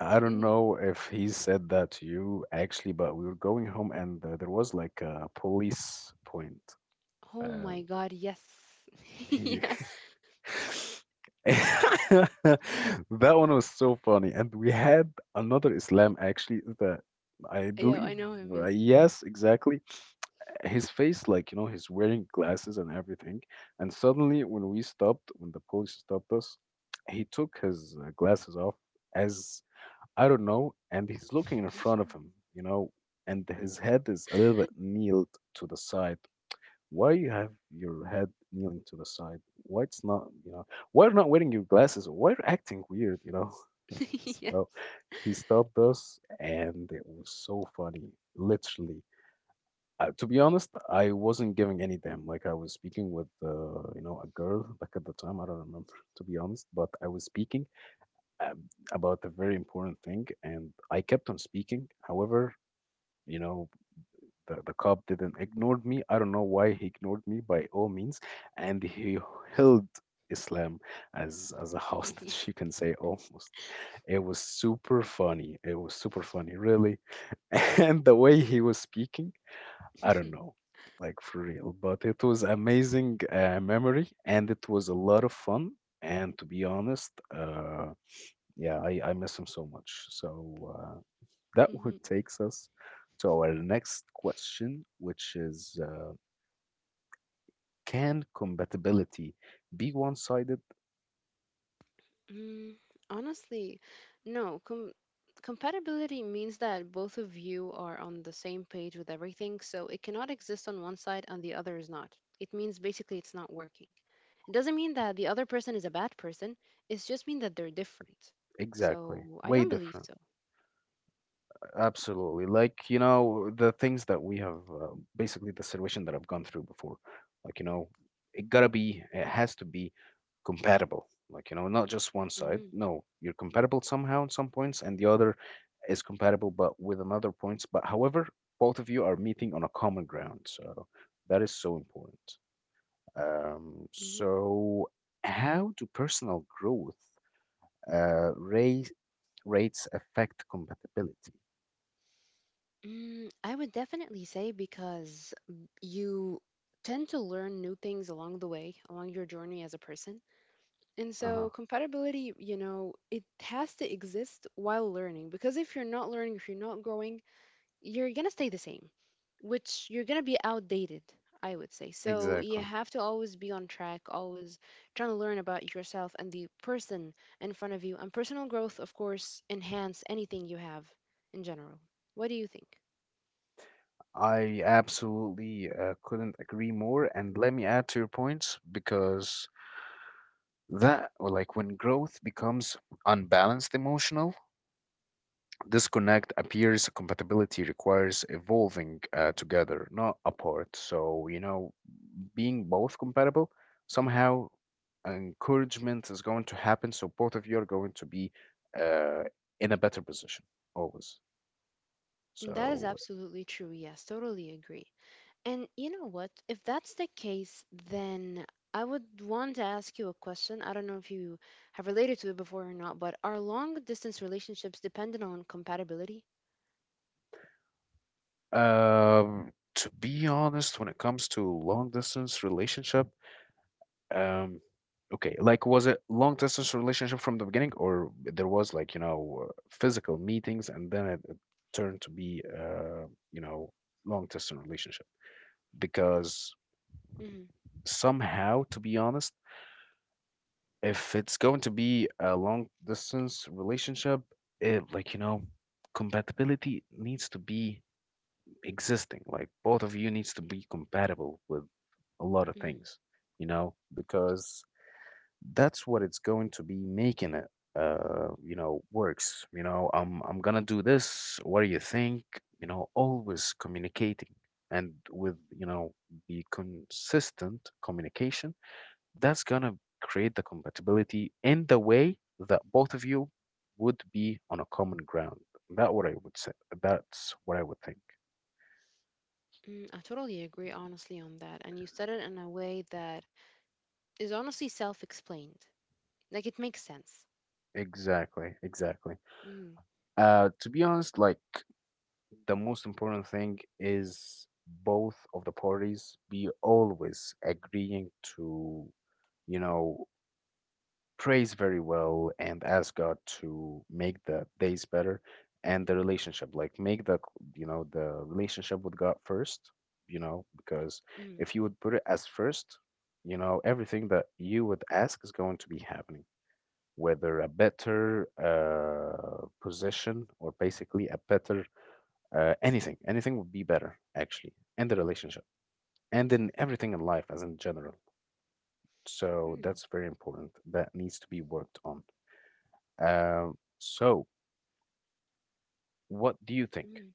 Speaker 1: I don't
Speaker 2: Mm.
Speaker 1: know if he said that to you actually, but we were going home and uh, there was like a police point.
Speaker 2: Oh
Speaker 1: Uh,
Speaker 2: my god. Yes.
Speaker 1: he
Speaker 2: yeah.
Speaker 1: That one was so funny, and we had another Islam actually that I
Speaker 2: Yeah. I
Speaker 1: believe,
Speaker 2: know him. Yeah.
Speaker 1: uh, yes, exactly. His face, like, you know, he's wearing glasses and everything. And suddenly, when we stopped, when the police stopped us, he took his uh, glasses off as I don't know, and he's looking in front of him, you know, and his head is a little bit kneeled to the side. Why you have your head kneeling to the side? Why it's not, you know, why you're not wearing your glasses? Why you're acting weird, you know?
Speaker 2: yeah.
Speaker 1: So he stopped us and it was so funny, literally. Uh, to be honest, I wasn't giving any damn. Like I was speaking with, uh, you know, a girl back at the time. I don't remember, to be honest, but I was speaking um, about a very important thing, and I kept on speaking. However, you know, the, the cop didn't ignore me. I don't know why he ignored me by all means. And he held Islam as as a
Speaker 2: yeah.
Speaker 1: hostage, you can say almost. It was super funny. It was super funny, really. And the way he was speaking, I don't know, like for real. But it was amazing uh, memory, and it was a lot of fun. And to be honest, uh, yeah, I, I miss him so much. So uh, that
Speaker 2: Mhm.
Speaker 1: would takes us to our next question, which is uh, can compatibility be one-sided?
Speaker 2: Mm, honestly, no. Com- compatibility means that both of you are on the same page with everything, so it cannot exist on one side and the other is not. It means basically it's not working. It doesn't mean that the other person is a bad person, it's just mean that they're different.
Speaker 1: Exactly.
Speaker 2: So I
Speaker 1: Way
Speaker 2: don't believe
Speaker 1: different.
Speaker 2: so.
Speaker 1: Absolutely. Like, you know, the things that we have, uh, basically the situation that I've gone through before, like, you know, it gotta be, it has to be compatible. Like, you know, not just one
Speaker 2: hmm
Speaker 1: side. No, you're compatible somehow in some points, and the other is compatible, but with another points. But however, both of you are meeting on a common ground. So that is so important. Um,
Speaker 2: hmm
Speaker 1: so how do personal growth, uh, raise, rates affect compatibility?
Speaker 2: Mm, I would definitely say because you tend to learn new things along the way, along your journey as a person. And so
Speaker 1: Uh-huh.
Speaker 2: compatibility, you know, it has to exist while learning, because if you're not learning, if you're not growing, you're going to stay the same, which you're going to be outdated, I would say. So you
Speaker 1: Exactly.
Speaker 2: have to always be on track, always trying to learn about yourself and the person in front of you. And personal growth, of course, enhance anything you have in general. What do you think?
Speaker 1: I absolutely uh, couldn't agree more. And let me add to your points because that, or like when growth becomes unbalanced emotional, disconnect appears, compatibility requires evolving uh, together, not apart. So, you know, being both compatible, somehow encouragement is going to happen. So both of you are going to be uh, in a better position always.
Speaker 2: And that is
Speaker 1: So,
Speaker 2: absolutely true. Yes, totally agree. And you know what? If that's the case, then I would want to ask you a question. I don't know if you have related to it before or not, but are long distance relationships dependent on compatibility?
Speaker 1: um, to be honest, when it comes to long distance relationship, um, okay, like was it long distance relationship from the beginning, or there was like you know uh, physical meetings and then it, it turned to be uh, you know long distance relationship because
Speaker 2: hmm
Speaker 1: somehow, to be honest, if it's going to be a long distance relationship, it like you know, compatibility needs to be existing. Like both of you needs to be compatible with a lot of
Speaker 2: hmm
Speaker 1: things, you know, because that's what it's going to be making it uh you know works. You know i'm i'm gonna do this. What do you think? You know always communicating, and with, you know the consistent communication, that's gonna create the compatibility in the way that both of you would be on a common ground. That what I would say. That's what I would think.
Speaker 2: Mm, I totally agree, honestly, on that. And you said it in a way that is honestly self explained. Like it makes sense.
Speaker 1: Exactly, exactly.
Speaker 2: Mm,
Speaker 1: Uh, to be honest, like the most important thing is both of the parties be always agreeing to, you know, prays very well and asks God to make the days better and the relationship like make the you know the relationship with God first, you know because
Speaker 2: mm,
Speaker 1: if you would put it as first, you know everything that you would ask is going to be happening, whether a better uh, position or basically a better uh, anything anything would be better actually in the relationship and in everything in life as in general. So
Speaker 2: mm,
Speaker 1: that's very important that needs to be worked on. Um, so, what do you think?
Speaker 2: mm.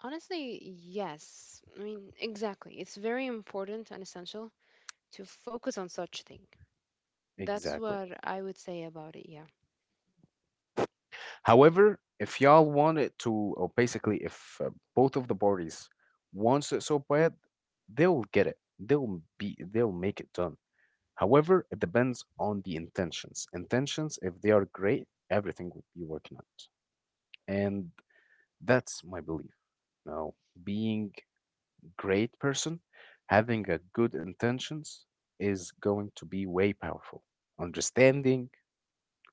Speaker 2: Honestly, yes. I mean, exactly. It's very important and essential to focus on such thing. That's
Speaker 1: Exactly?
Speaker 2: what I would say about it, yeah.
Speaker 1: However, if y'all want it to, or basically, if uh, both of the parties wants it so bad, they'll get it. They'll be. They'll make it done. However, it depends on the intentions. Intentions, if they are great, everything will be working out. And that's my belief. Now, being great person, having a good intentions is going to be way powerful. Understanding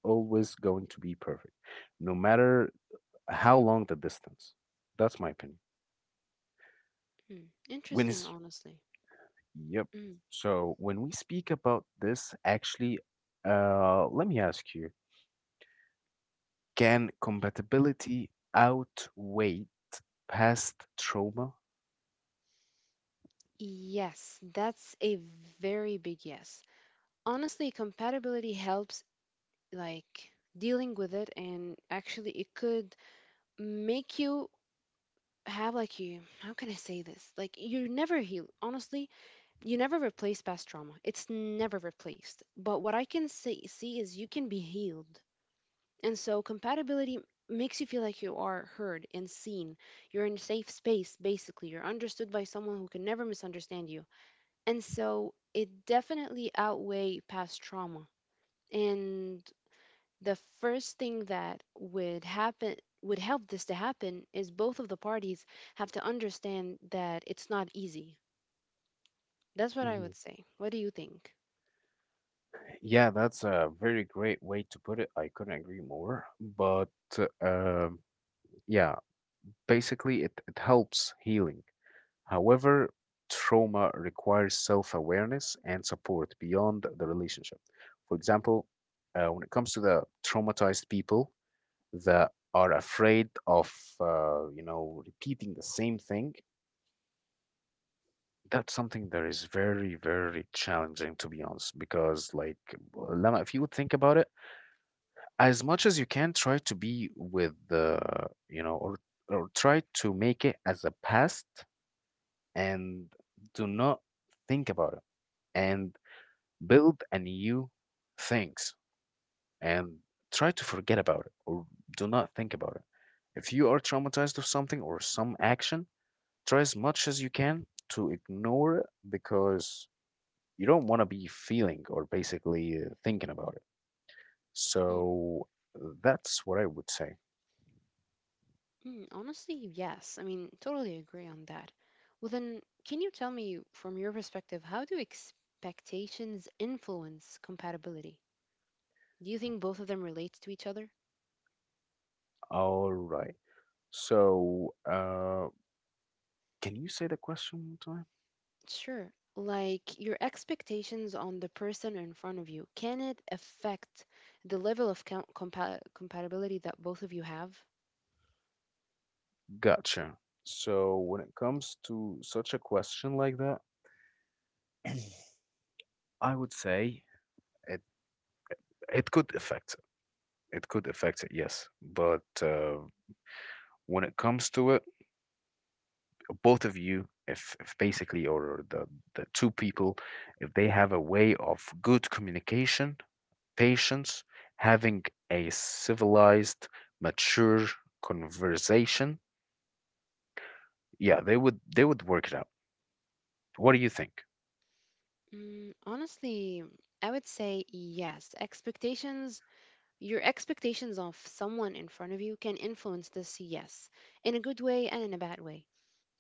Speaker 1: always going to be perfect, no matter how long the distance. That's my opinion.
Speaker 2: Hmm.
Speaker 1: When
Speaker 2: Interesting,
Speaker 1: it's
Speaker 2: honestly.
Speaker 1: Yep.
Speaker 2: Mm.
Speaker 1: So when we speak about this, actually, uh, let me ask you: can compatibility outweigh past trauma?
Speaker 2: Yes, that's a very big yes. Honestly, compatibility helps, like, dealing with it, and actually, it could make you have, like, you, how can I say this? Like, you never heal. Honestly, you never replace past trauma. It's never replaced. But what I can say, see is you can be healed. And so compatibility makes you feel like you are heard and seen. You're in a safe space, basically. You're understood by someone who can never misunderstand you. And so it definitely outweigh past trauma. And the first thing that would happen would help this to happen is both of the parties have to understand that it's not easy. That's what I would
Speaker 1: Mhm.
Speaker 2: say. What do you think?
Speaker 1: Yeah, that's a very great way to put it. I couldn't agree more. But uh, um, yeah, basically, it, it helps healing. However, trauma requires self awareness and support beyond the relationship. For example, uh, when it comes to the traumatized people that are afraid of, uh, you know, repeating the same thing, that's something that is very, very challenging, to be honest. Because, like, Lama, if you would think about it, as much as you can, try to be with the, you know, or, or try to make it as a past and do not think about it. And build a new things and try to forget about it or do not think about it. If you are traumatized of something or some action, try as much as you can to ignore it because you don't want to be feeling or basically uh, thinking about it. So that's what I would say.
Speaker 2: Mm, honestly, yes. I mean, totally agree on that. Well, then, can you tell me from your perspective, how do expectations influence compatibility? Do you think both of them relate to each other?
Speaker 1: All right, so uh can you say the question one time?
Speaker 2: Sure. Like your expectations on the person in front of you, can it affect the level of com- compa- compatibility that both of you have?
Speaker 1: Gotcha. So when it comes to such a question like that, I would say it It could affect it. It could affect it, yes. But uh, when it comes to it, both of you, if, if basically, or the, the two people, if they have a way of good communication, patience, having a civilized, mature conversation, yeah, they would they would work it out. What do you think?
Speaker 2: Mm, honestly, I would say yes. Expectations. Your expectations of someone in front of you can influence this, yes, in a good way and in a bad way.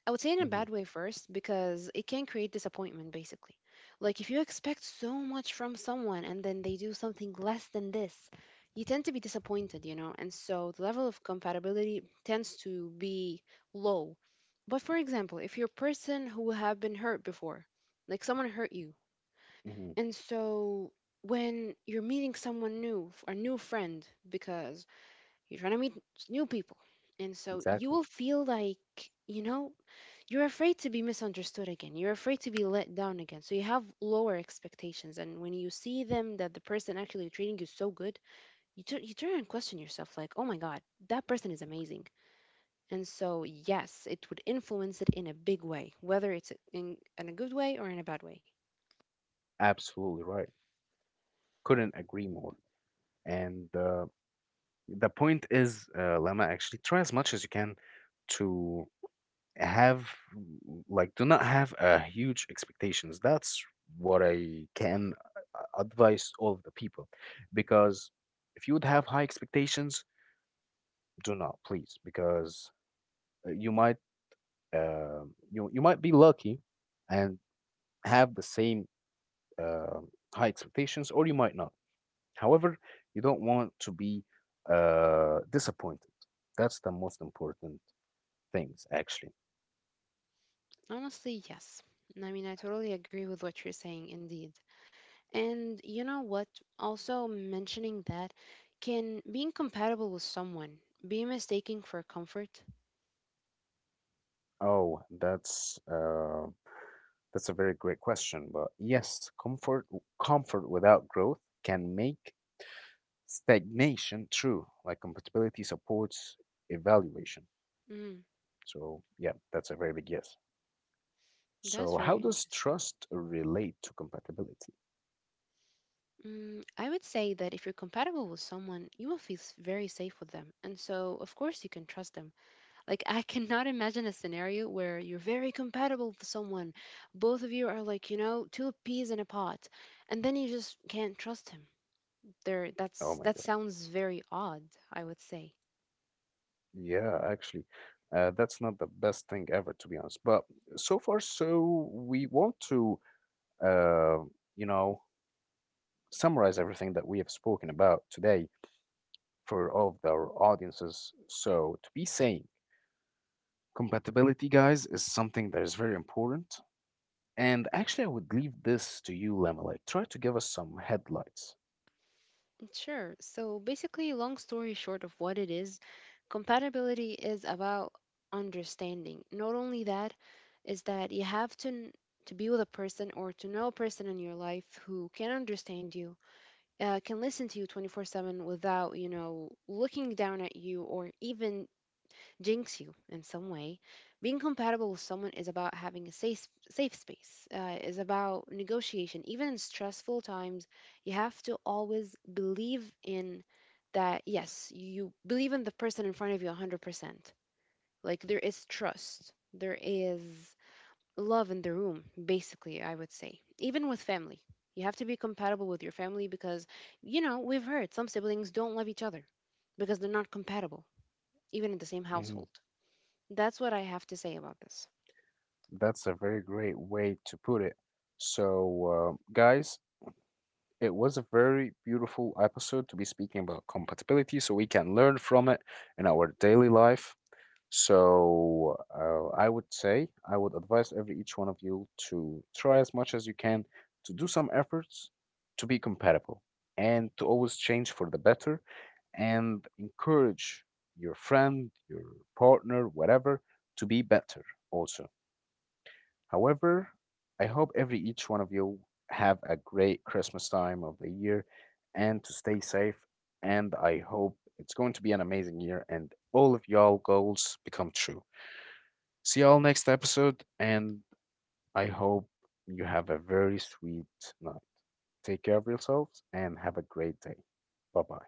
Speaker 2: I would say in a
Speaker 1: Hmm.
Speaker 2: bad way first because it can create disappointment basically. Like if you expect so much from someone and then they do something less than this, you tend to be disappointed, you know, and so the level of compatibility tends to be low. But for example, if you're a person who have been hurt before, like someone hurt you,
Speaker 1: Hmm.
Speaker 2: and so when you're meeting someone new, f- a new friend, because you're trying to meet s- new people, and so you
Speaker 1: Exactly.
Speaker 2: will feel like, you know, you're afraid to be misunderstood again. You're afraid to be let down again. So you have lower expectations. And when you see them that the person actually treating you so good, you, tu- you turn and question yourself, like, oh my God, that person is amazing. And so, yes, it would influence it in a big way, whether it's in, in a good way or in a bad way.
Speaker 1: Absolutely right. Couldn't agree more. And uh, the point is, uh, Lama, actually try as much as you can to have, like, do not have a huge expectations. That's what I can uh, advise all of the people. Because if you would have high expectations, do not, please, because uh, you might uh, you you might be lucky and have the same uh, high expectations, or you might not. However, you don't want to be uh, disappointed. That's the most important things actually?
Speaker 2: Honestly, yes. I mean, I totally agree with what you're saying, indeed. And you know what? Also, mentioning that, can being compatible with someone be mistaken for comfort?
Speaker 1: Oh, that's uh, that's a very great question. But yes, comfort comfort without growth can make stagnation true. Like compatibility supports evaluation.
Speaker 2: Mm,
Speaker 1: So yeah, that's a very big yes. So
Speaker 2: that's
Speaker 1: how
Speaker 2: very
Speaker 1: does
Speaker 2: interesting.
Speaker 1: trust relate to compatibility?
Speaker 2: Mm, I would say that if you're compatible with someone, you will feel s- very safe with them. And so, of course, you can trust them. Like, I cannot imagine a scenario where you're very compatible with someone. Both of you are like, you know, two peas in a pot. And then you just can't trust him. there
Speaker 1: Oh
Speaker 2: that's
Speaker 1: my
Speaker 2: that
Speaker 1: God.
Speaker 2: sounds very odd, I would say.
Speaker 1: Yeah, actually, uh, that's not the best thing ever, to be honest. But so far, so we want to, uh, you know, summarize everything that we have spoken about today for all of our audiences. So to be saying compatibility, guys, is something that is very important. And actually, I would leave this to you, Lemma. Like, try to give us some headlights.
Speaker 2: Sure. So basically, long story short of what it is, compatibility is about understanding. Not only that, is that you have to n- to be with a person or to know a person in your life who can understand you, uh, can listen to you twenty-four seven without, you know, looking down at you or even jinx you in some way. Being compatible with someone is about having a safe safe space. Uh, is about negotiation. Even in stressful times, you have to always believe in that. Yes, you believe in the person in front of you one hundred percent. Like there is trust. There is love in the room. Basically, I would say. Even with family, you have to be compatible with your family because you know we've heard some siblings don't love each other because they're not compatible even in the same
Speaker 1: Mhm.
Speaker 2: household. That's what I have to say about this.
Speaker 1: That's a very great way to put it. So, uh, guys, it was a very beautiful episode to be speaking about compatibility so we can learn from it in our daily life. So uh, I would say I would advise every each one of you to try as much as you can to do some efforts to be compatible and to always change for the better and encourage your friend, your partner, whatever, to be better also. However, I hope every each one of you have a great Christmas time of the year and to stay safe. And I hope it's going to be an amazing year and all of y'all goals become true. See y'all next episode, and I hope you have a very sweet night. Take care of yourselves and have a great day. Bye bye.